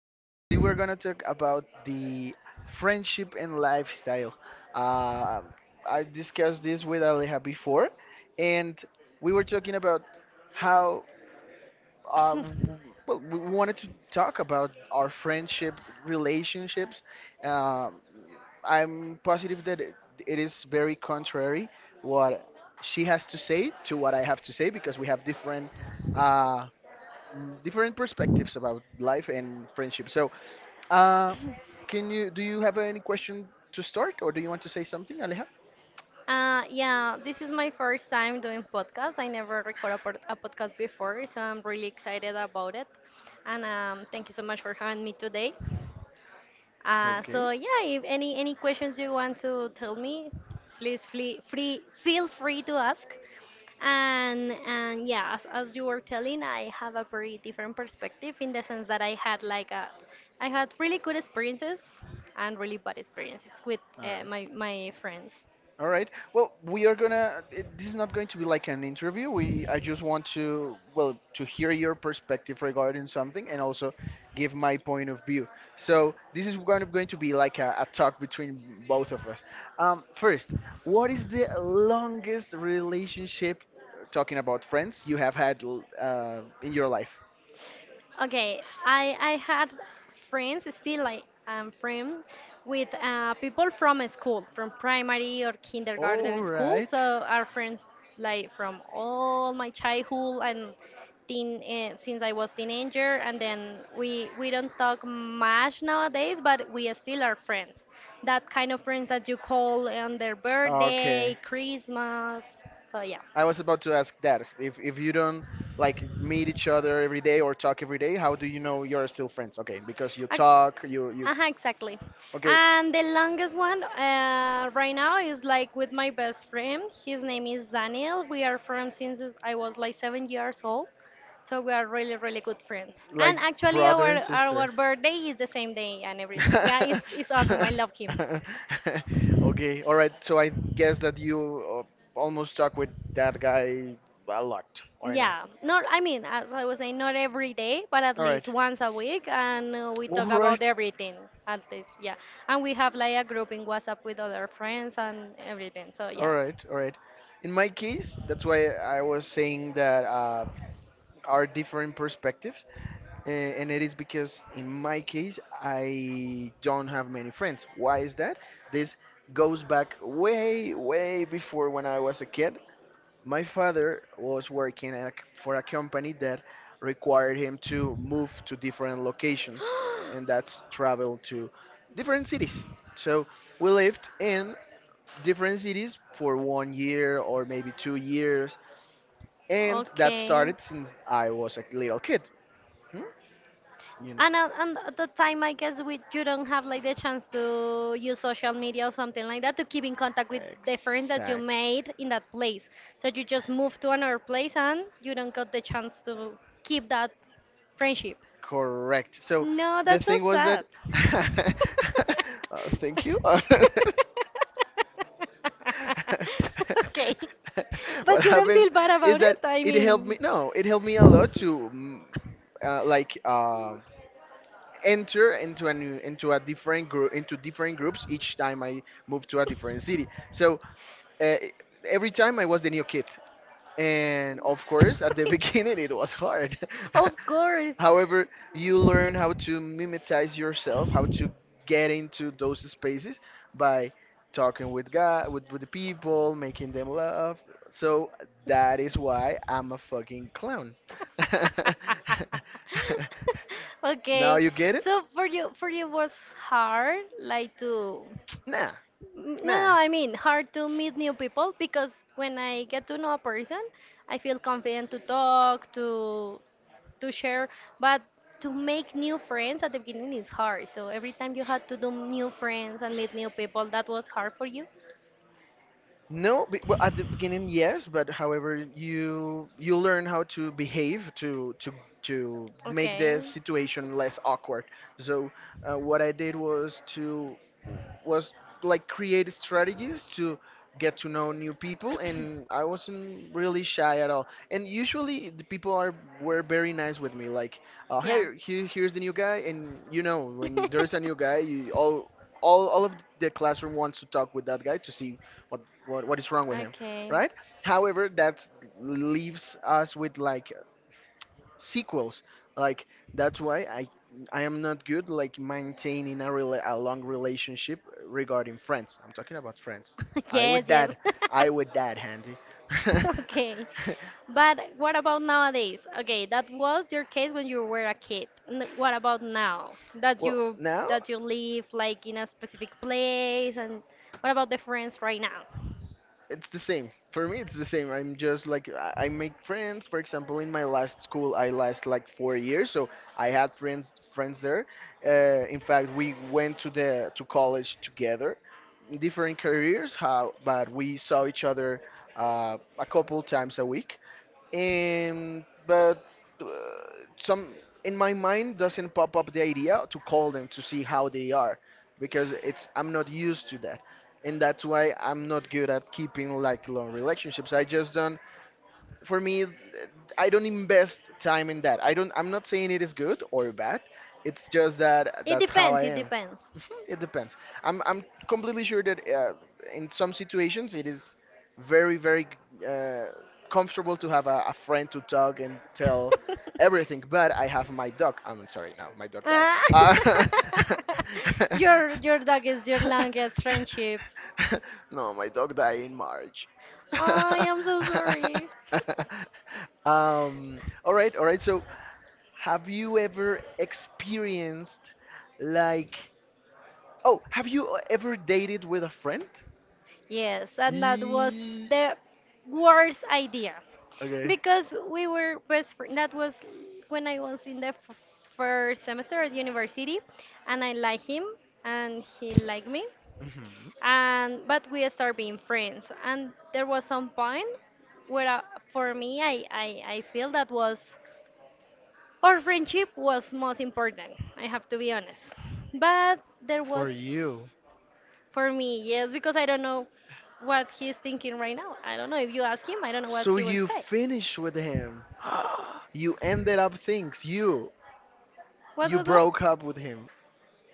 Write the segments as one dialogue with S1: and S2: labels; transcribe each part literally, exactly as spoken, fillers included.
S1: Uh, today we're gonna talk about the friendship and lifestyle. Uh, I discussed this with Aleja before, and we were talking about how uh, w- well, we wanted to talk about our friendship relationships. Um I'm positive that it, it is very contrary what she has to say to what I have to say because we have different uh, mm, different perspectives about life and friendship. So, uh, can you do you have any question to start, or do you want to say something, Aleja?
S2: Uh, yeah, this is my first time doing podcast. I never record a, pod- a podcast before, so I'm really excited about it. And um, thank you so much for having me today. Uh,
S1: Okay.
S2: so yeah, if any any questions you want to tell me, please free, free feel free to ask. And and yeah, as, as you were telling, I have a very different perspective in the sense that I had like a, I had really good experiences and really bad experiences with uh,
S1: All
S2: my my friends.
S1: All right. Well, we are gonna. It- This is not going to be like an interview. We. I just want to. Well, to hear your perspective regarding something, and also give my point of view. So this is kind of going to be like a, a talk between both of us. Um, first, what is the longest relationship, uh, talking about friends, you have had l- uh, in your life?
S2: Okay, I I had friends, still I am friend with uh, people from a school, from primary or
S1: All
S2: kindergarten school.
S1: right.
S2: So our friends like from all my childhood and teen, uh, since I was teenager, and then we we don't talk much nowadays, but we still are friends. That kind of friends that you call on their birthday,
S1: Okay.
S2: Christmas. So yeah.
S1: I was about to ask that. If if you don't like meet each other every day or talk every day, how do you know you're still friends? Okay, because you
S2: Ac-
S1: talk, you you
S2: Uh-huh, exactly.
S1: okay,
S2: And the longest one uh, right now is like with my best friend. His name is Daniel. We are friends since I was like seven years old. So we are really, really good friends. And
S1: like
S2: actually, our
S1: brother and
S2: our
S1: sister.
S2: birthday is the same day and everything. Yeah, it's it's awesome. I love him.
S1: Okay, all right. So I guess that you uh, almost talk with that guy a lot, or not?
S2: Yeah, not I mean, as I was saying, not every day, but at
S1: All
S2: least
S1: right.
S2: once a week, and uh, we
S1: All
S2: talk about
S1: right.
S2: everything. At least, yeah. And we have like a group in WhatsApp with other friends and everything. So
S1: All
S2: yeah.
S1: right, all right. In my case, that's why I was saying that uh, are different perspectives, a- and it is because in my case, I don't have many friends. Why is that? This goes back way, way before when I was a kid. My father was working at, for a company that required him to move to different locations, and that's travel to different cities. So we lived in different cities for one year or maybe two years, and that
S2: Okay.
S1: started since I was a little kid. Hmm? You know.
S2: And at, and at the time, I guess we you don't have like the chance to use social media or something like that to keep in contact with the friends that you
S1: Exactly.
S2: made in that place. So you just move to another place and you don't got the chance to keep that friendship.
S1: Correct. So
S2: No,
S1: the
S2: that's so
S1: thing was that.
S2: sad.
S1: uh, thank you.
S2: Okay.
S1: What
S2: But you don't feel
S1: happens
S2: bad
S1: is
S2: about
S1: that
S2: it? I
S1: it helped
S2: mean.
S1: me. No, it helped me a lot to, mm, uh, like, uh, enter into a new into a different group into different groups each time I moved to a different city. So uh, every time I was the new kid, and of course at the beginning it was hard.
S2: Of course.
S1: However, you learn how to mimetize yourself, how to get into those spaces by talking with God, with, with the people, making them laugh. So that is why I'm a fucking clown. Now
S2: Okay.
S1: you get it?
S2: So for you, for you was hard, like to.
S1: Nah,
S2: No,
S1: nah.
S2: no, I mean hard to meet new people because when I get to know a person, I feel confident to talk, to to share, but to make new friends at the beginning is hard. So every time you had to do new friends and meet new people, that was hard for you.
S1: No, be- well, at the beginning, yes, but however, you you learn how to behave to to to make the situation less awkward. So uh, what I did was to was like create strategies to get to know new people, and I wasn't really shy at all. And usually the people are were very nice with me, like, uh, hey, here, here's the new guy, and you know when there's a new guy, you all all all of the classroom wants to talk with that guy to see what what what is wrong with
S2: wrong
S1: him,
S2: okay.
S1: right? However, that leaves us with like sequels. Like that's why I I am not good like maintaining a rela a long relationship regarding friends. I'm talking about friends. I
S2: Yes,
S1: would
S2: yes.
S1: dad. I would dad, Handy.
S2: Okay. But what about nowadays? Okay, that was your case when you were a kid. N- What about now? That
S1: Well,
S2: you
S1: now
S2: that you live like in a specific place and what about the friends right now?
S1: it's the same. For me, it's the same. I'm just like, I I make friends. For example, in my last school, I last like four years, so I had friends friends there. Uh, in fact, we went to the to college together, different careers, how, but we saw each other uh, a couple times a week and but uh, some in my mind doesn't pop up the idea to call them to see how they are because it's I'm not used to that and that's why I'm not good at keeping like long relationships. I just don't, for me, I don't invest time in that. I don't, I'm not saying it is good or bad, it's just that
S2: It
S1: that's how
S2: depends,
S1: I
S2: it
S1: am.
S2: depends.
S1: Mhm, it depends. I'm i'm completely sure that uh, in some situations it is very very uh, comfortable to have a, a friend to talk and tell everything, but I have my dog. I'm sorry, now my dog died.
S2: Ah.
S1: Uh,
S2: your your dog is your longest friendship.
S1: no, my dog died in March.
S2: I am so sorry.
S1: Um, all right, all right. So, have you ever experienced like oh, have you ever dated with a friend?
S2: Yes, and that was
S1: Ye-
S2: the worst idea
S1: Okay.
S2: because we were best friend. That was when I was in the f- first semester at university, and I liked him, and he liked me.
S1: Mhm.
S2: And but we start being friends and there was some point where uh, for me I, I i feel that was our friendship was most important. I have to be honest, but there
S1: For
S2: was
S1: you.
S2: for me yes because I don't know what he's thinking right now. I don't know if you ask him. I don't know what
S1: So
S2: he will
S1: you
S2: say.
S1: finished with him. You ended up things. You
S2: what
S1: you
S2: what what
S1: broke up with him.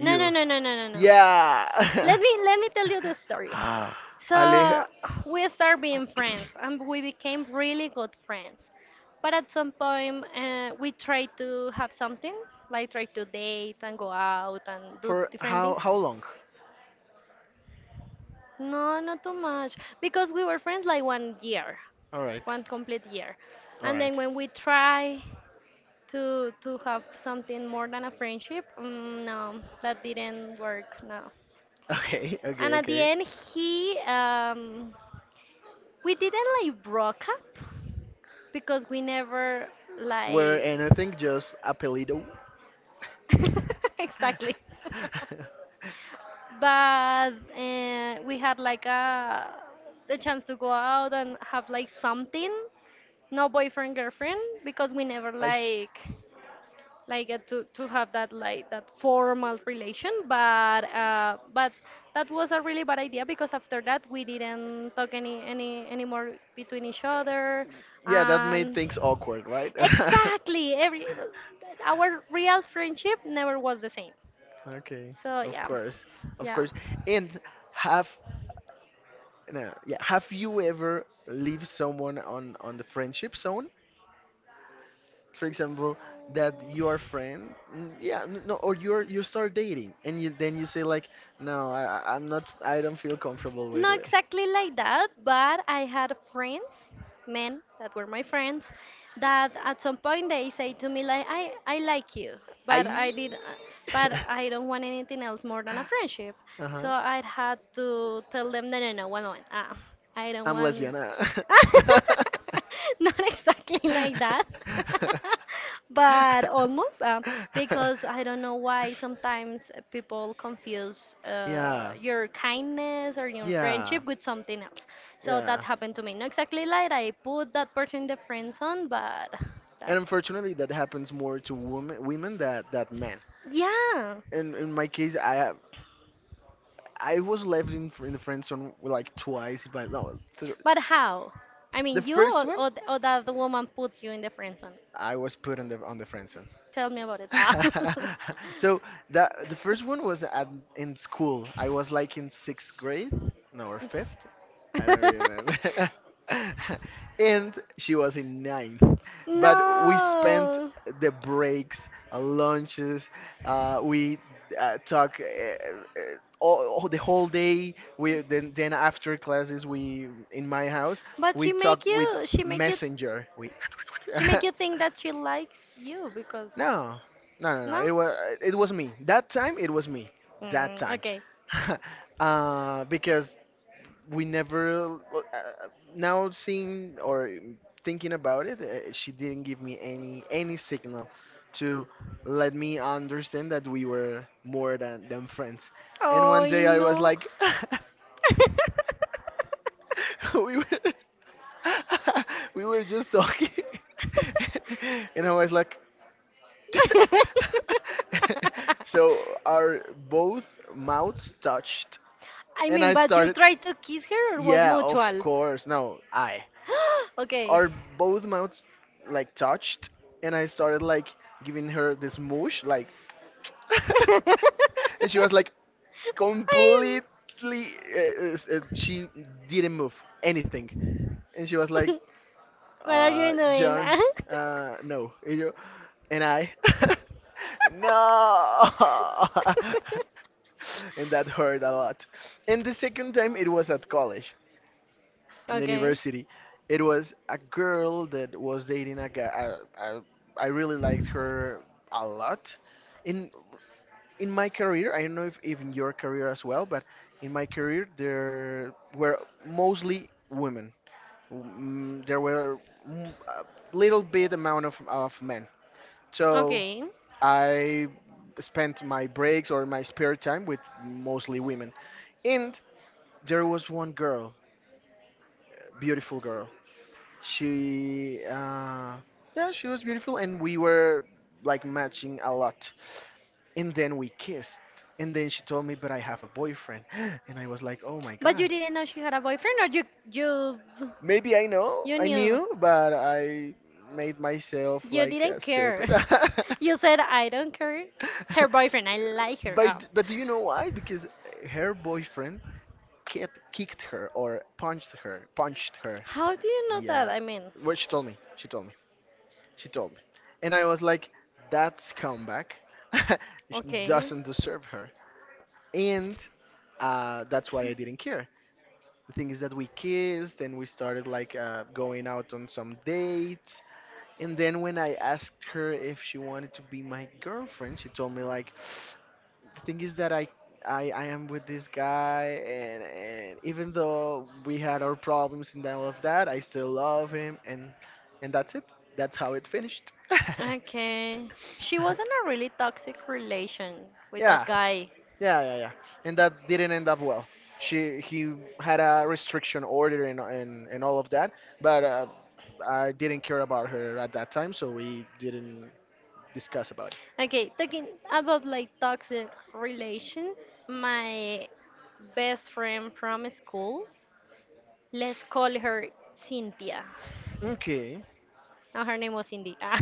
S2: no no no no no no no
S1: Yeah.
S2: let me let me tell you the story.
S1: Ah.
S2: So
S1: Aleja
S2: we start being friends, and we became really good friends. But at some point, uh, we tried to have something, like try to date and go out and do
S1: for
S2: different
S1: how
S2: things.
S1: how long?
S2: No, not too much, because we were friends like one year,
S1: All right.
S2: one complete year,
S1: All
S2: and
S1: right.
S2: then when we try to to have something more than a friendship, mm, no, that didn't work. No,
S1: Okay, okay,
S2: and at the
S1: okay.
S2: end, he um, we didn't like broke up because we never
S1: Were
S2: like
S1: anything just apelido?
S2: exactly but uh, we had like a the chance to go out and have like something, no boyfriend girlfriend, because we never
S1: I,
S2: like like uh, to to have that like that formal relation but uh but that was a really bad idea because after that we didn't talk any any anymore between each other.
S1: yeah, that made
S2: And
S1: things awkward, right?
S2: exactly every our real friendship never was the same,
S1: Okay,
S2: so
S1: of
S2: yeah,
S1: course, of
S2: yeah.
S1: course. And have No, yeah. Have you ever leave someone on on the friendship zone? For example, that you are friend, mm, yeah, n- no, or you're you start dating, and you then you say like, no, I I- I'm not, I don't feel comfortable with
S2: Not that.
S1: it.
S2: Exactly like that, but I had friends, men that were my friends, that at some point they say to me like, I, I like you, but I
S1: I.
S2: did, but I don't want anything else more than a friendship.
S1: Uh-huh.
S2: So Uh-huh. I had to tell them, no, no, no, one moment, uh, I don't
S1: I'm
S2: want.
S1: lesbian. uh.
S2: Not exactly like that. But almost uh, because I don't know why sometimes people confuse uh,
S1: Yeah.
S2: your kindness or your
S1: Yeah.
S2: friendship with something else. So
S1: Yeah.
S2: that happened to me. Not exactly like I put that person in the friend zone, but
S1: And
S2: that.
S1: unfortunately, that happens more to women, women that that men.
S2: Yeah,
S1: In in my case, I have I was left in fr- in the friend zone like twice. By no, th-
S2: but how? I mean,
S1: the
S2: you
S1: first
S2: or,
S1: one,
S2: or, th- or that the woman put you in the friend zone?
S1: I was put on the on the friend
S2: Tell me about it. Ah.
S1: so that the first one was at in school. I was like in sixth grade, no, or fifth. I don't remember. And she was in ninth. But we spent
S2: No.
S1: the breaks, uh, lunches. Uh, we uh, talk uh, uh, all, all- the whole day. We then then after classes, we in my house
S2: But
S1: we
S2: she
S1: talk
S2: make
S1: with
S2: you she make you
S1: messenger. We
S2: she make you think that she likes you because
S1: no, no, no, no.
S2: no?
S1: It was it was me. That time it was me. That
S2: Mm,
S1: time,
S2: okay.
S1: uh, because we never. Well, Uh, now seeing or thinking about it, uh, she didn't give me any any signal to let me understand that we were more than than friends. And
S2: Oh,
S1: one
S2: I
S1: day I was
S2: know.
S1: like, we were we were just talking, and I was like, so our both mouths touched,
S2: I
S1: and
S2: mean,
S1: I
S2: but you
S1: started.
S2: tried to kiss her or was
S1: Yeah, of
S2: mutual?
S1: course. No, I.
S2: Okay.
S1: Our both mouths like touched, and I started like giving her this mush, like, and
S2: And
S1: she
S2: she
S1: was
S2: was like,
S1: like
S2: "Go I'm- on."
S1: completely. Uh, uh, s- uh, she didn't move anything,
S2: And
S1: and she
S2: she was
S1: was
S2: like,
S1: like,
S2: what are
S1: uh,
S2: you doing?
S1: John,
S2: uh, "No,
S1: uh, no.
S2: you
S1: And I, no! And that hurt a lot. And the second time it was at college, in the
S2: okay. University."
S1: university. It was a girl that was dating a guy. I, I, I really liked her a lot. In in my career, I don't know if, if in your career as well, but in my career there were mostly women. Mm, there were mm, a little bit amount of, of men.
S2: So
S1: So
S2: okay.
S1: I spent my breaks or my spare time with mostly women. And there was one girl, beautiful girl. She, uh, yeah, she was beautiful, and we were like matching a lot. And then we kissed. And then she told me, but I have a boyfriend. And I was like, oh my
S2: But you
S1: God.
S2: didn't know she had a boyfriend, or you you
S1: Maybe I know,
S2: you
S1: I
S2: knew.
S1: knew, but I made myself
S2: You
S1: like uh,
S2: didn't
S1: stupid.
S2: care. You said I don't care. Her boyfriend, I like
S1: but
S2: her.
S1: but do you know why? Because her boyfriend ki- kicked her or punched her.
S2: Oh.
S1: Punched her.
S2: How do you know that?
S1: Yeah.
S2: I mean,
S1: Well, she told me. She told me. She told me. And I was like, that's comeback. She
S2: okay.
S1: doesn't deserve her. And uh, that's why I didn't care. The thing is that we kissed and we started like uh, going out on some dates. And then when I asked her if she wanted to be my girlfriend, she told me like, the thing is that I, I, I am with this guy, and, and even though we had our problems and all of that, I still love him, and and that's it. That's how it finished.
S2: Okay. She was in a really toxic relation with
S1: Yeah,
S2: that guy.
S1: yeah, yeah, yeah. And that didn't end up well. She he had a restriction order and and, and all of that, but uh, I didn't care about her at that time, so we didn't discuss about
S2: Okay, talking about like toxic relations, my best friend from school, let's call her Cynthia.
S1: it. Okay.
S2: No, her name was Cindy. Ah.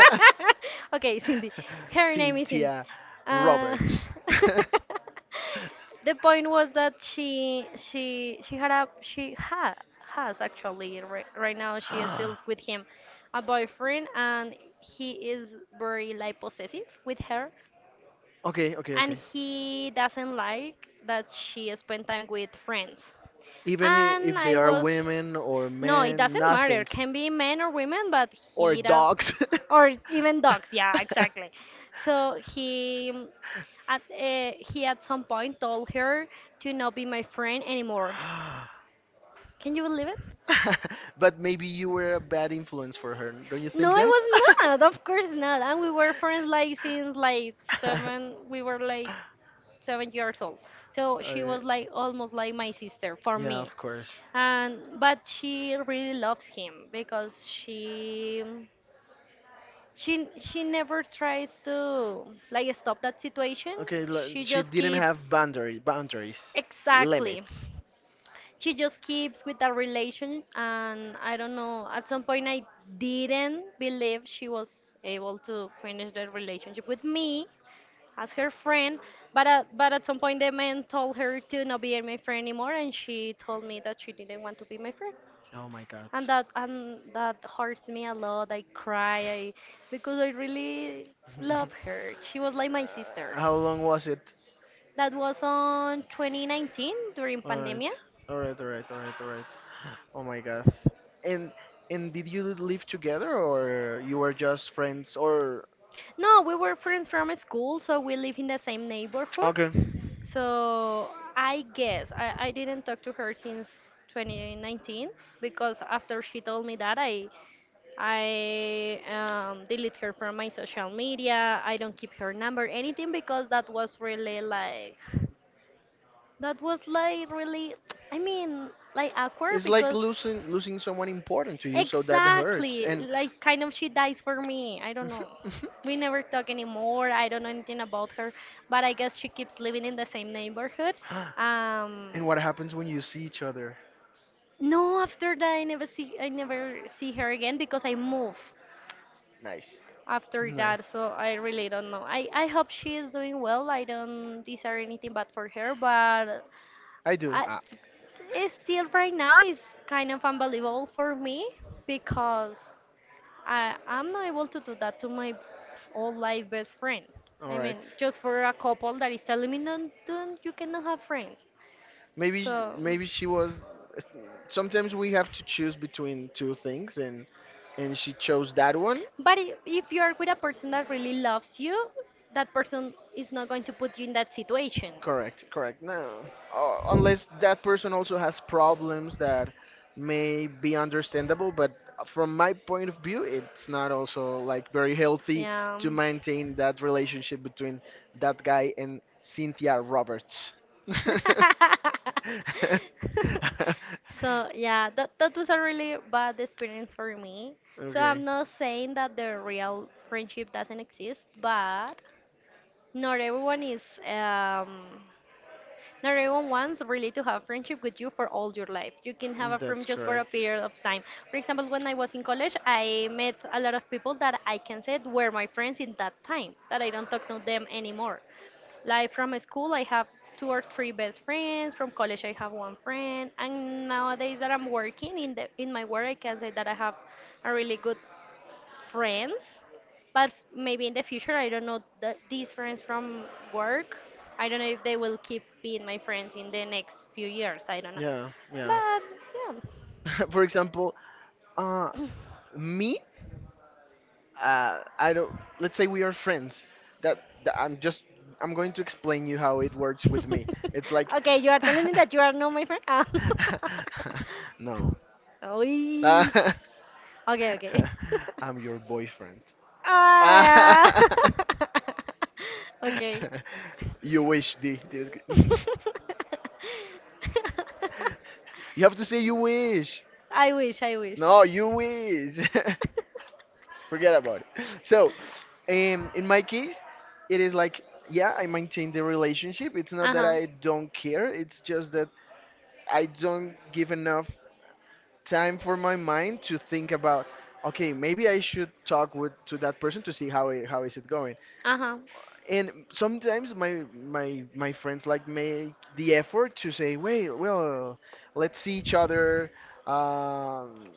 S2: Okay, Cindy. Her name is Cindy.
S1: Cynthia
S2: Uh,
S1: Roberts.
S2: the point was that she she she had a she ha, has actually right, right now she is still with him, a boyfriend, and he is very like possessive with her
S1: Okay, okay,
S2: and
S1: okay.
S2: he doesn't like that she spend time with friends.
S1: Even i-
S2: And
S1: if they
S2: I
S1: are
S2: was,
S1: women or
S2: no, it men
S1: men,
S2: doesn't that matter.
S1: nothing.
S2: Can be men or women, but or
S1: Or
S2: he does,
S1: dogs.
S2: or even dogs. Yeah, exactly. So he mm, at uh, he at some point told her to not be my friend anymore. Can you believe it?
S1: But maybe you were a bad influence for her. Don't you
S2: No,
S1: think
S2: I
S1: that?
S2: was not. Of course not. And we were friends like since like seven. We were like seven years old. So she
S1: Okay.
S2: was like almost like my sister for
S1: Yeah,
S2: me.
S1: of course.
S2: And but she really loves him because she she she never tries to like stop that situation.
S1: Okay,
S2: She
S1: li- she
S2: just
S1: didn't
S2: keeps
S1: have boundary, boundaries,
S2: exactly.
S1: limits.
S2: She just keeps with that relation, and I don't know. At some point, I didn't believe she was able to finish that relationship with me as her friend, but at, but at some point the man told her to not be my friend anymore, and she told me that she didn't want to be my friend,
S1: Oh my god.
S2: and that and that hurts me a lot. I cry, I because I really love her. She was like my sister.
S1: Uh, how long was it?
S2: That was on twenty nineteen during
S1: All right,
S2: pandemia.
S1: all right, all right, all right, all right. Oh my God. And and did you live together or you were just friends or
S2: No, we were friends from school, so we live in the same neighborhood.
S1: okay.
S2: So I guess I, I didn't talk to her since twenty nineteen because after she told me that I I um, delete her from my social media. I don't keep her number, anything because that was really like that was like really I mean like awkward
S1: It's like
S2: because
S1: losing losing someone important to you, so that hurts.
S2: exactly.
S1: And
S2: Like kind of she dies for me. I don't know. We never talk anymore. I don't know anything about her, but I guess she keeps living in the same neighborhood. Um,
S1: and what happens when you see each other?
S2: No, after that I never see I never see her again because I move
S1: Nice.
S2: after that,
S1: Nice.
S2: so I really don't know. I I hope she is doing well. I don't desire anything bad for her, but
S1: I do.
S2: I,
S1: Ah,
S2: it's still right now is kind of unbelievable for me because I, I'm not able to do that to my old life best friend.
S1: all
S2: I
S1: right.
S2: mean, just for a couple that is telling me, no, don't, you cannot have friends.
S1: Maybe sh-
S2: So,
S1: maybe she was. Sometimes we have to choose between two things, and and she chose that one.
S2: but i- if you are with a person that really loves you, that person is not going to put you in that situation.
S1: Correct, correct. No, uh, unless that person also has problems that may be understandable, but from my point of view, it's not also like very healthy
S2: Yeah.
S1: to maintain that relationship between that guy and Cynthia Roberts.
S2: So yeah, that that was a really bad experience for me. So
S1: Okay.
S2: I'm not saying that the real friendship doesn't exist, but not everyone is um not everyone wants really to have friendship with you for all your life. You can have a friend
S1: That's
S2: just for a
S1: correct.
S2: period of time. For example, when I was in college, I met a lot of people that I can say were my friends in that time, that I don't talk to them anymore. Like from school, I have two or three best friends. From college, I have one friend. And nowadays that I'm working in the in my work, I can say that I have a really good friends, but maybe in the future, I don't know the, these friends from work. I don't know if they will keep being my friends in the next few years. I don't
S1: Don't
S2: know.
S1: know. Yeah,
S2: But yeah.
S1: yeah. For example, uh, me, uh, I don't. Let's say we are friends. That, that I'm just. I'm going to explain you how it works with me. It's like.
S2: Okay, you are telling me that you are not my friend? Ah.
S1: But you are not my
S2: Oy.
S1: friend. Ah. No.
S2: Okay, okay.
S1: Okay. I'm your boyfriend.
S2: Ah, okay.
S1: You wish, D. D- You have to say you wish.
S2: I wish, I wish.
S1: No, you wish. Forget about it. So, um, in my case, it is like, yeah, I maintain the relationship. It's not
S2: Uh
S1: that
S2: huh.
S1: I don't care. It's just that I don't give enough time for my mind to think about, okay, maybe I should talk with to that person to see how i- how is it going.
S2: Uh huh.
S1: And sometimes my my my friends like make the effort to say, "Wait, well, let's see each other um,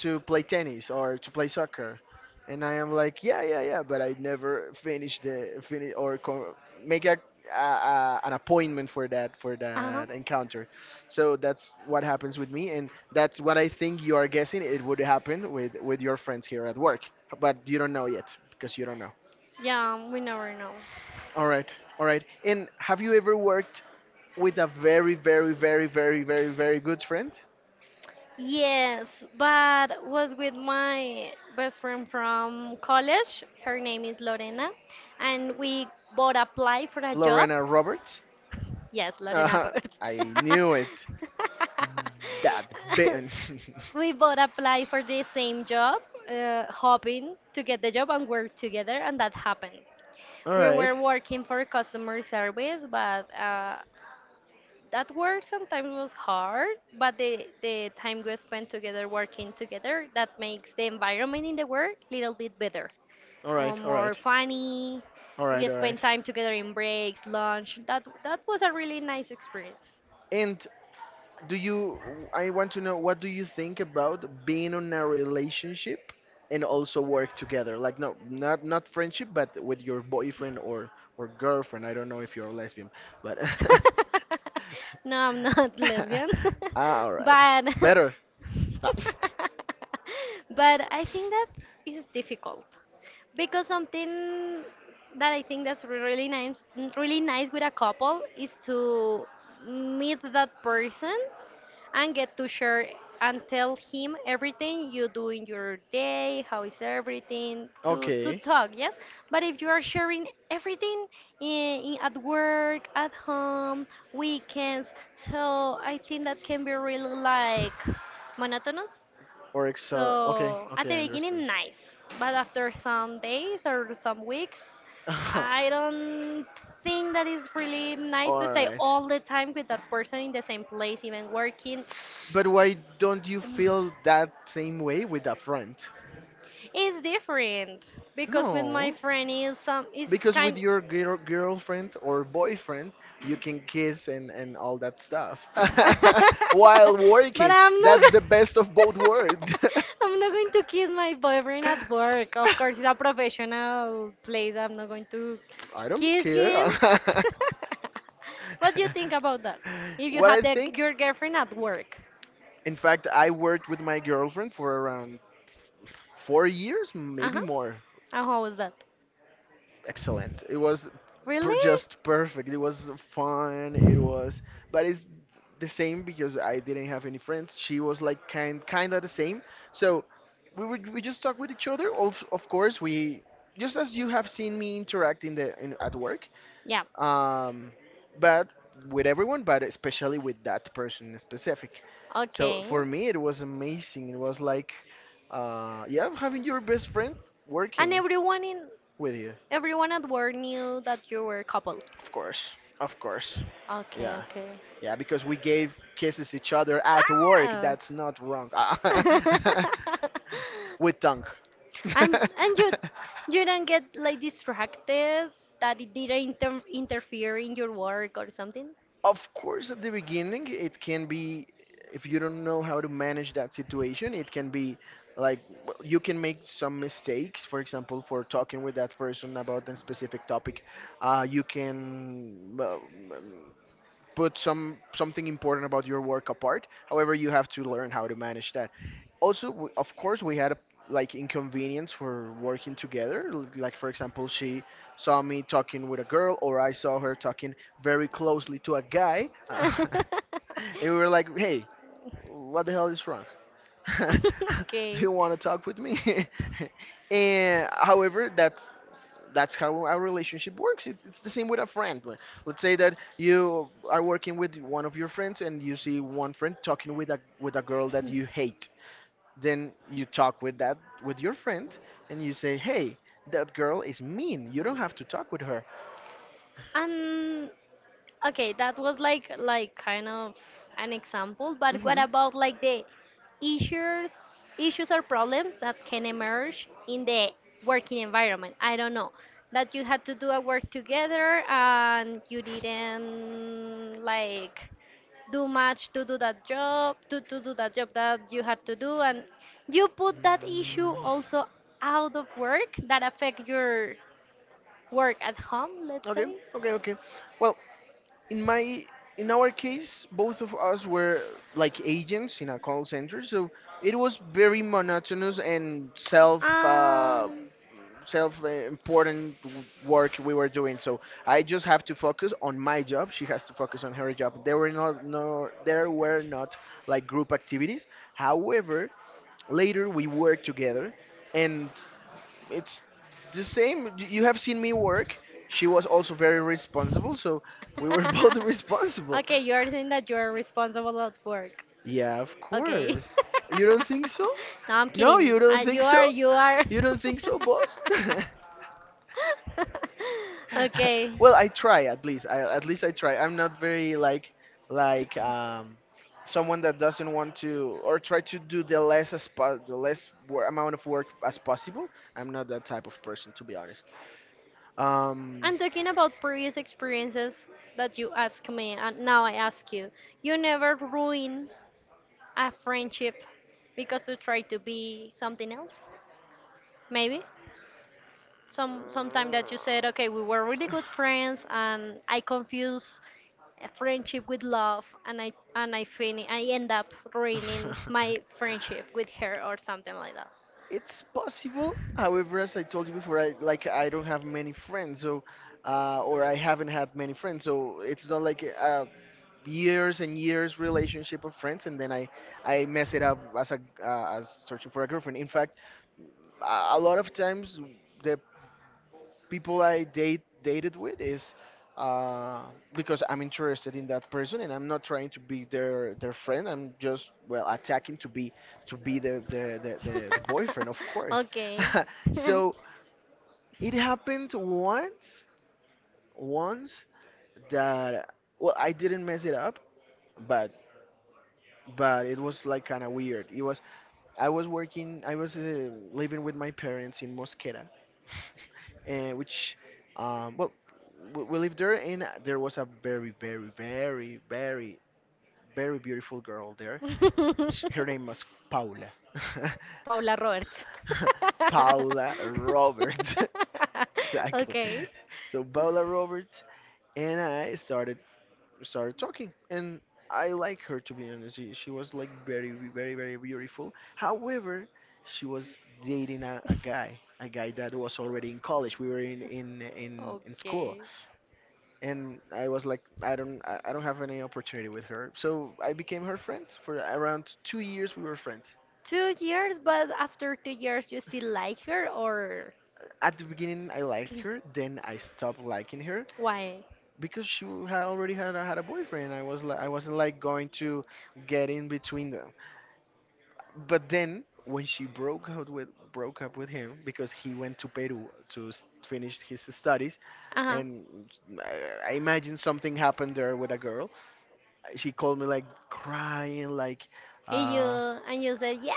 S1: to play tennis or to play soccer," and I am like, "Yeah, yeah, yeah," but I never finish the finish or co- make a, a, a an appointment for that for
S2: Uh huh.
S1: that encounter. So that's what happens with me, and that's what I think you are guessing it would happen with with your friends here at work, but you don't know yet because you don't know.
S2: Yeah, um, we never know.
S1: All right, all right. And have you ever worked with a very, very, very, very, very, very good friend,
S2: Yes, but was with my best friend from college. Her name is Lorena, and we both applied for a job.
S1: Lorena Roberts?
S2: Yes, Lorena
S1: Uh,
S2: Roberts.
S1: I knew it. That bit.
S2: We both applied for the same job, uh, hoping to get the job and work together, and that happened.
S1: All
S2: We
S1: right,
S2: were working for customer service, but uh, that work sometimes was hard. But the, the time we spent together working together, that makes the environment in the work a little bit better
S1: all
S2: or
S1: right, all
S2: more
S1: right,
S2: funny.
S1: all
S2: We
S1: right, all right.
S2: spent time together in breaks, lunch. That that was a really nice experience.
S1: And Do you, I want to know, what do you think about being in a relationship and also work together? Like, no, not not friendship, but with your boyfriend or or girlfriend. I don't know if you're a lesbian, but
S2: I don't know. No, I'm not lesbian, oh,
S1: ah, all right,
S2: but
S1: better. Ah,
S2: but I think that is difficult because something that I think that's really nice, really nice with a couple is to meet that person and get to share and tell him everything you do in your day, how is everything, to, to
S1: okay,
S2: talk, yes? But if you are sharing everything in, in, at work, at home, weekends, so I think that can be really like monotonous.
S1: or exa. Okay,
S2: So at
S1: okay, I
S2: the beginning,
S1: understand.
S2: nice, but after some days or some weeks, I don't think that it's really nice to
S1: All
S2: stay
S1: right.
S2: all the time with that person in the same place, even working.
S1: But why don't you feel that same way with a friend?
S2: It's different because with my
S1: No.
S2: friend is some is
S1: Because with
S2: kind.
S1: your girl, girlfriend or boyfriend, you can kiss and, and all that stuff while
S2: But
S1: working.
S2: I'm not.
S1: That's the best of both
S2: Go-
S1: worlds.
S2: I'm not going to kiss my boyfriend at work. Of course, it's a professional place. I'm not going to
S1: I don't
S2: kiss
S1: care.
S2: him. What do you think about that? If you
S1: What
S2: have
S1: I
S2: the,
S1: think,
S2: your girlfriend at work.
S1: in fact, I worked with my girlfriend for around four years,
S2: Uh-huh. Uh
S1: maybe
S2: huh.
S1: more.
S2: And how was that?
S1: Excellent. It was
S2: Really?
S1: per- just perfect. It was fun. It was, but it's the same because I didn't have any friends. She was like kind kind of the same. So we would we just talk with each other. Of of course we just as you have seen me interact in the in, at work.
S2: Yeah.
S1: Um, but with everyone, but especially with that person in specific. So
S2: Okay.
S1: for me it was amazing. It was like, uh, yeah, having your best friend
S2: And
S1: working
S2: everyone in
S1: with you.
S2: Everyone at work knew that you were a couple.
S1: Of course, of course.
S2: Okay.
S1: Yeah,
S2: Okay.
S1: yeah, because we gave kisses each other at work.
S2: Ah.
S1: That's not wrong. With tongue.
S2: and and you you don't get like distracted that it didn't inter- interfere in your work or something.
S1: Of course, at the beginning, it can be, if you don't know how to manage that situation, it can be like w- you can make some mistakes. For example, for talking with that person about a specific topic, uh, you can well, put some something important about your work apart. However, you have to learn how to manage that. Also, w- of course, we had a, like inconvenience for working together. L- Like for example, she saw me talking with a girl, or I saw her talking very closely to a guy, uh, and we were like, "Hey, what the hell is wrong? Do
S2: Okay.
S1: you want to talk with me?" And however, that's that's how our relationship works. It, it's the same with a friend. Like, let's say that you are working with one of your friends and you see one friend talking with a with a girl that you hate. Then you talk with that with your friend and you say, "Hey, that girl is mean. You don't have to talk with her."
S2: And okay, that was like like kind of an example, but what
S1: Hmm.
S2: about like the issues issues or problems that can emerge in the working environment? I don't know. That you had to do a work together and you didn't like do much to do that job, to, to do that job that you had to do and you put that issue
S1: Mm.
S2: also out of work that affect your work at home, let's
S1: Okay,
S2: say?
S1: okay, okay. Well, in my in our case both of us were like agents in a call center, so it was very monotonous and self uh, self uh, important w- work we were doing. So I just have to focus on my job. She has to focus on her job. There were not no there were not like group activities. However, later we were together, and it's the same. Y- You have seen me work. She was
S2: Um,
S1: also very responsible, so we were both responsible.
S2: okay, you are saying that you are responsible at work.
S1: Yeah, of
S2: Okay.
S1: course. You don't think so?
S2: No, I'm
S1: No,
S2: kidding.
S1: you don't
S2: Uh,
S1: think
S2: you are,
S1: so?
S2: you are.
S1: You don't think so, boss?
S2: Okay.
S1: Well, I try at least. I at least I try. I'm not very like like um someone that doesn't want to or try to do the less as po- the less wor- amount of work as possible. I'm not that type of person to be honest. Um
S2: I'm talking about previous experiences that you asked me, and now I ask you. You never ruin a friendship because you try to be something else? Maybe? Some sometime that you said okay we were really good friends and I confuse a friendship with love and i and i fin- I end up ruining my friendship with her or something like that.
S1: It's possible. However, as I told you before, I like I don't have many friends, so uh, or I haven't had many friends, so it's not like a years and years relationship of friends, and then I I mess it up as a uh, as searching for a girlfriend. In fact, a a lot of times the people I date dated with is uh, because I'm interested in that person and I'm not trying to be their their friend. I'm just well attacking to be to be the the the, the, the boyfriend, of course.
S2: Okay.
S1: So it happened once once that, well, I didn't mess it up, but but it was like kind of weird. It was. I was working, I was uh, living with my parents in Mosquera, and which, um, well, we we lived there, and there was a very, very, very, very, very beautiful girl there. Sh- Her name was Paula.
S2: Paula Roberts.
S1: Paula Roberts, exactly.
S2: Okay,
S1: So Paula Roberts and I started started talking, and I like her to be honest. She, she was like very very very beautiful. However, she was dating a, a guy a guy that was already in college. We were in in in, in school,
S2: okay.
S1: and I was like, i don't I, I don't have any opportunity with her, so I became her friend for around two years. We were friends.
S2: Two years, but after two years you still like her or
S1: At the beginning I liked her, then I stopped liking her
S2: why?
S1: because she had already had a, had a boyfriend. I was like, I wasn't like going to get in between them. But then when she broke out with broke up with him because he went to Peru to s- finish his studies,
S2: Uh-huh.
S1: and uh, I imagine something happened there with a girl. She called me like crying, like,
S2: And You
S1: uh,
S2: and you said yeah.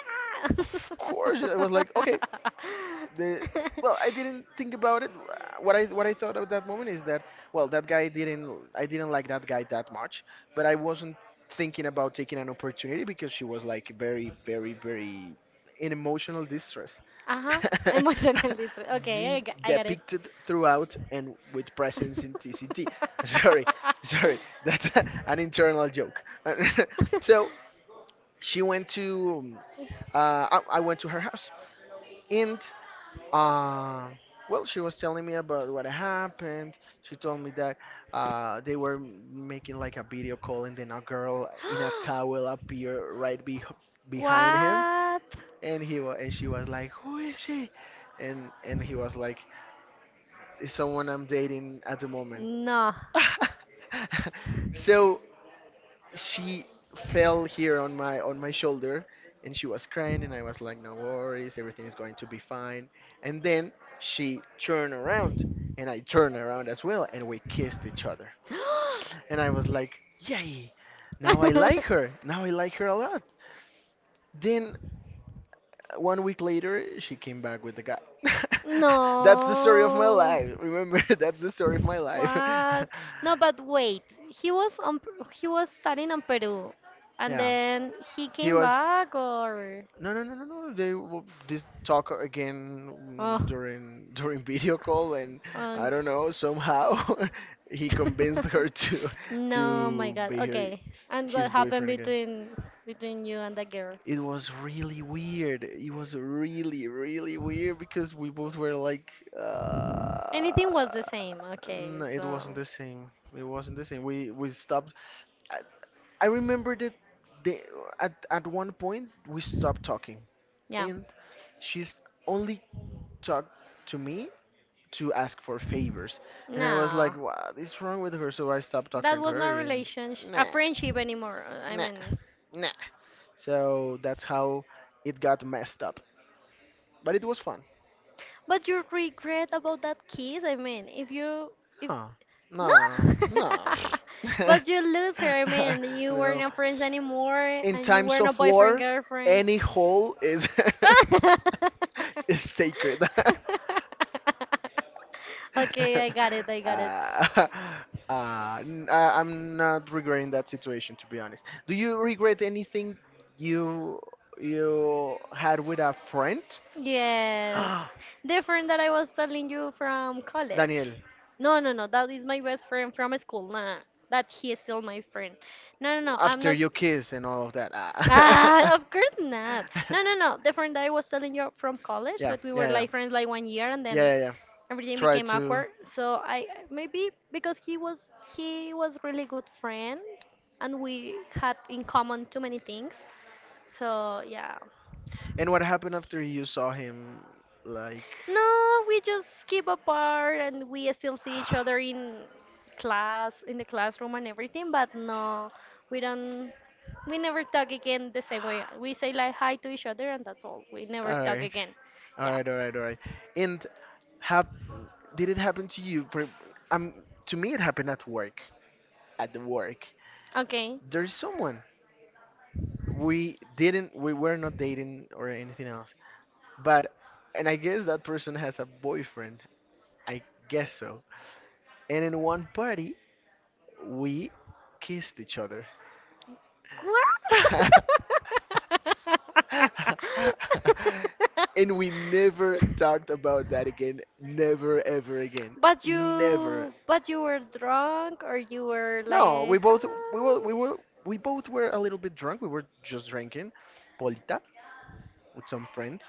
S1: of course. I was like, okay, the, well, I didn't think about it. What i what i thought at that moment is that, well, that guy didn't I didn't like that guy that much, but I wasn't thinking about taking an opportunity because she was like very very very in emotional distress.
S2: Uh-huh. Emotional distress. Okay, I
S1: De-
S2: got, I got
S1: depicted throughout and with presence in tct. Sorry, sorry that's an internal joke. So she went to um,
S2: it.
S1: uh, I, I went to her house, and uh, well, she was telling me about what happened. She told me that uh, they were making like a video call, and then a girl in a towel appeared right be behind him,
S2: What?
S1: and he wa and she was like, "Who is she?" And and he was like, "It's someone I'm dating at the moment."
S2: No.
S1: So she fell here on my on my shoulder, and she was crying, and I was like, no worries, everything is going to be fine. And then she turned around, and I turned around as well, and we kissed each other. And I was like, yay, now I like her, now I like her a lot. Then uh, one week later she came back with the guy. That's the story of my
S2: No.
S1: life, remember? That's the story of my life.
S2: What? No, but wait. He was on, he was studying in Peru, and
S1: Yeah,
S2: then he
S1: he
S2: came
S1: was
S2: back, or
S1: no, no, no, no, no. They will just talk again, mm,
S2: oh,
S1: during during video call, and
S2: um,
S1: I don't know. Somehow, he convinced her to
S2: no, my
S1: to
S2: God.
S1: be her
S2: Okay, and what
S1: his
S2: happened
S1: boyfriend again.
S2: between between you and the girl?
S1: It was really weird. It was really, really weird because we both were like, uh,
S2: Anything was the same. Okay,
S1: no, it
S2: so
S1: wasn't the same. It wasn't the same. We we stopped. I, I remember that they, at at one point we stopped talking.
S2: yeah.
S1: And she's only talked to me to ask for favors. And I was like,
S2: No,
S1: what is wrong with her? So I stopped
S2: that
S1: talking to
S2: was
S1: her,
S2: not
S1: and
S2: relationship, a
S1: nah,
S2: friendship anymore. Uh, I
S1: nah,
S2: mean,
S1: nah. So that's how it got messed up. But it was fun.
S2: but you regret about that kiss. I mean, if you if
S1: No, no,
S2: no,
S1: no.
S2: but you lose her. I mean, you were
S1: No.
S2: not friends anymore,
S1: In
S2: and you
S1: times
S2: were not
S1: of
S2: boyfriend
S1: war,
S2: girlfriend.
S1: any hole is is sacred.
S2: Okay, I got it. I got it.
S1: uh, uh, n- uh, I'm not regretting that situation to be honest. Do you regret anything you you had with a friend?
S2: Yes. The friend that I was telling you from college.
S1: Daniel,
S2: No, no, no. That is my best friend from school. Nah, that he is still my friend. No, no, no. I'm
S1: after
S2: not.
S1: you kiss and all of that. Ah.
S2: Ah, of course not. No, no, no. The friend that I was telling you from college
S1: Yeah,
S2: that we were
S1: yeah, yeah,
S2: like friends like one year and then
S1: yeah, yeah, yeah.
S2: everything
S1: Try
S2: became
S1: to.
S2: awkward. So I maybe because he was he was really good friend and we had in common too many things. So yeah.
S1: And what happened after you saw him? Like.
S2: No, we just keep apart and we still see each other in class, in the classroom and everything, but no, we don't, we never talk again the same way. We say like hi to each other and that's all. We never
S1: All
S2: talk
S1: right,
S2: again.
S1: all
S2: Yeah.
S1: right, all right, all right. And have did it happen to you? For um, to me, it happened at work. At the work,
S2: Okay.
S1: there's someone, we didn't, we were not dating or anything else. But, and I guess that person has a boyfriend. I guess so. And in one party, we kissed each other.
S2: What?
S1: And we never talked about that again. Never ever again.
S2: But
S1: Never.
S2: you, but you were drunk, or you were
S1: No, we
S2: like,
S1: both we were
S2: "Hi."
S1: we were we both were a little bit drunk. We were just drinking polita with some friends,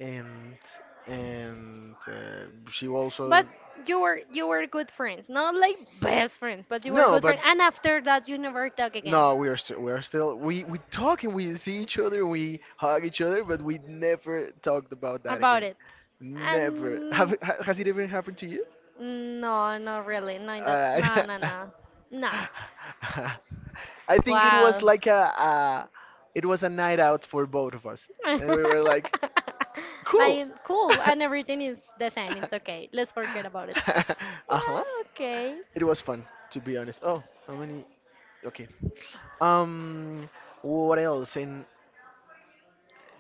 S1: and and uh, she also
S2: But you were, you were good friends, not like best friends, but you were
S1: no,
S2: good
S1: but.
S2: friends. And after that, you never talk again.
S1: No, we are still we are still we we talk and we see each other, we hug each other, but we never talked about that
S2: About
S1: again.
S2: it,
S1: Never. Have
S2: and
S1: it- ha- has it ever happened to you?
S2: mm, no, not really. No, in that.
S1: Uh,
S2: No, no, no. Nah.
S1: I think it was
S2: Wow.
S1: like a, a it was a night out for both of us, and we were like, cool.
S2: Like, cool, and everything is the same. It's okay. Let's forget about it.
S1: Uh-huh.
S2: Well, okay.
S1: It was fun, to be honest. Oh, how many? Okay. Um, what else? And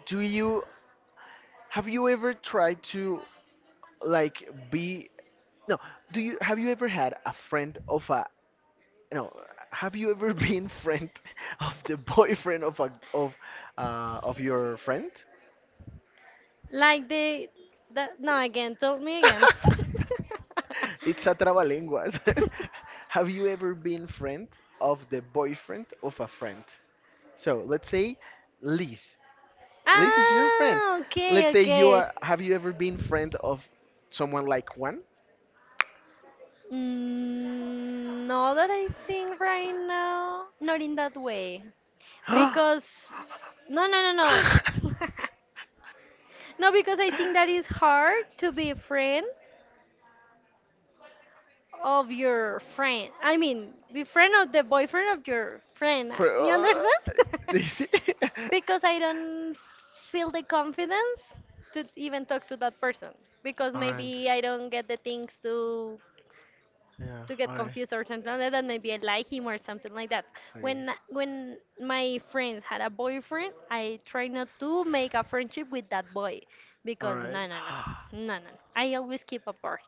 S1: do you? Have you ever tried to like be no, do you have you ever had a friend of a no, have you ever been friend of the boyfriend of a of uh of your friend?
S2: Like the, the no again. Tell me again.
S1: It's a trabalenguas. Have you ever been friend of the boyfriend of a friend? So let's say Liz. Liz is your friend.
S2: Ah, okay,
S1: Let's say you
S2: okay.
S1: are. Have you ever been friend of someone like Juan?
S2: Mm, no, that I think right now, not in that way. Because no no no no no because I think that is hard to be a friend of your friend, I mean be friend of the boyfriend of
S1: No,
S2: your friend,
S1: For,
S2: you
S1: uh,
S2: understand?
S1: is it?
S2: Because I don't feel the confidence to even talk to that person, because
S1: Alright.
S2: maybe I don't get the things to
S1: Yeah,
S2: to get
S1: alright.
S2: confused or something like that, and maybe I like him or something like that.
S1: Okay.
S2: When when my friends had a boyfriend, I try not to make a friendship with that boy because
S1: Alright.
S2: no no no no no. No. I always keep apart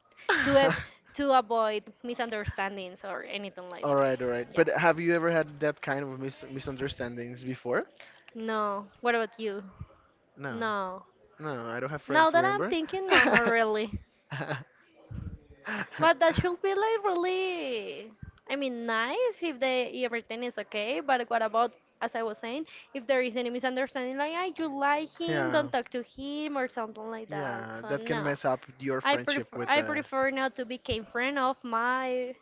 S2: to a, to avoid misunderstandings or anything like that.
S1: Alright, alright.
S2: Yeah.
S1: But have you ever had that kind of mis misunderstandings before?
S2: No. What about you?
S1: No.
S2: No.
S1: No, I don't have
S2: Now
S1: friends,
S2: that I'm
S1: remember?
S2: thinking, no, not really. But that should be like really, I mean, nice if they everything is okay. But what about, as I was saying, if there is any misunderstanding, like I you like him,
S1: Yeah.
S2: don't talk to him or something like that.
S1: Yeah,
S2: So
S1: that can
S2: no,
S1: mess up your
S2: I
S1: friendship
S2: prefer
S1: with
S2: I
S1: the.
S2: prefer not to become friend of my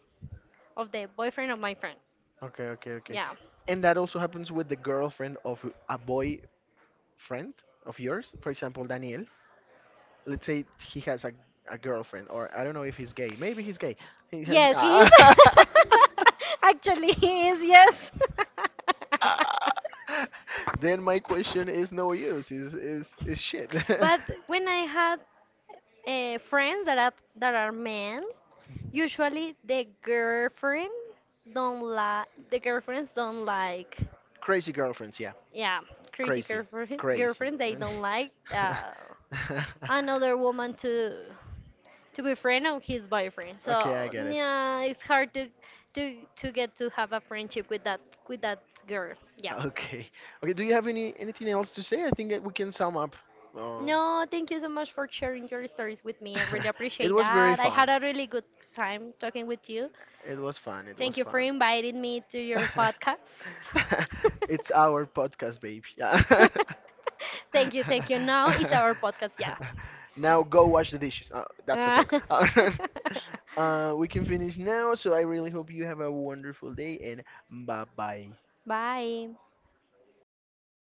S2: of the boyfriend of my friend.
S1: Okay, okay, okay.
S2: Yeah.
S1: And that also happens with the girlfriend of a boy friend of yours. For example, Daniel. Let's say he has a, a girlfriend, or I don't know if he's gay. Maybe he's gay. He has.
S2: Yes, he is. Actually, he is.
S1: Ah.
S2: Yes.
S1: Then my question is no use. Is is is shit.
S2: But when I had uh, friends that are, that are men, usually the girlfriend don't like the girlfriends don't like
S1: Crazy girlfriends, yeah,
S2: yeah crazy
S1: crazy,
S2: girlfriend
S1: crazy.
S2: girlfriend they don't like uh, another woman to to be friend of his boyfriend. So
S1: Okay, I get it.
S2: yeah, it's hard to to to get to have a friendship with that with that girl. Yeah.
S1: Okay, okay. Do you have any anything else to say? I think that we can sum up. Uh,
S2: No, thank you so much for sharing your stories with me. I really
S1: it
S2: appreciate
S1: was very
S2: that. I
S1: fun.
S2: had a really good time talking with you.
S1: It was fun. It was
S2: Thank you for
S1: fun.
S2: inviting me to your podcast.
S1: It's our podcast, baby.
S2: Thank you, thank you. Now it's our podcast, yeah.
S1: Now go wash the dishes. Uh, that's a
S2: Uh,
S1: joke. Uh, uh, we can finish now, so I really hope you have a wonderful day and bye bye.
S2: bye.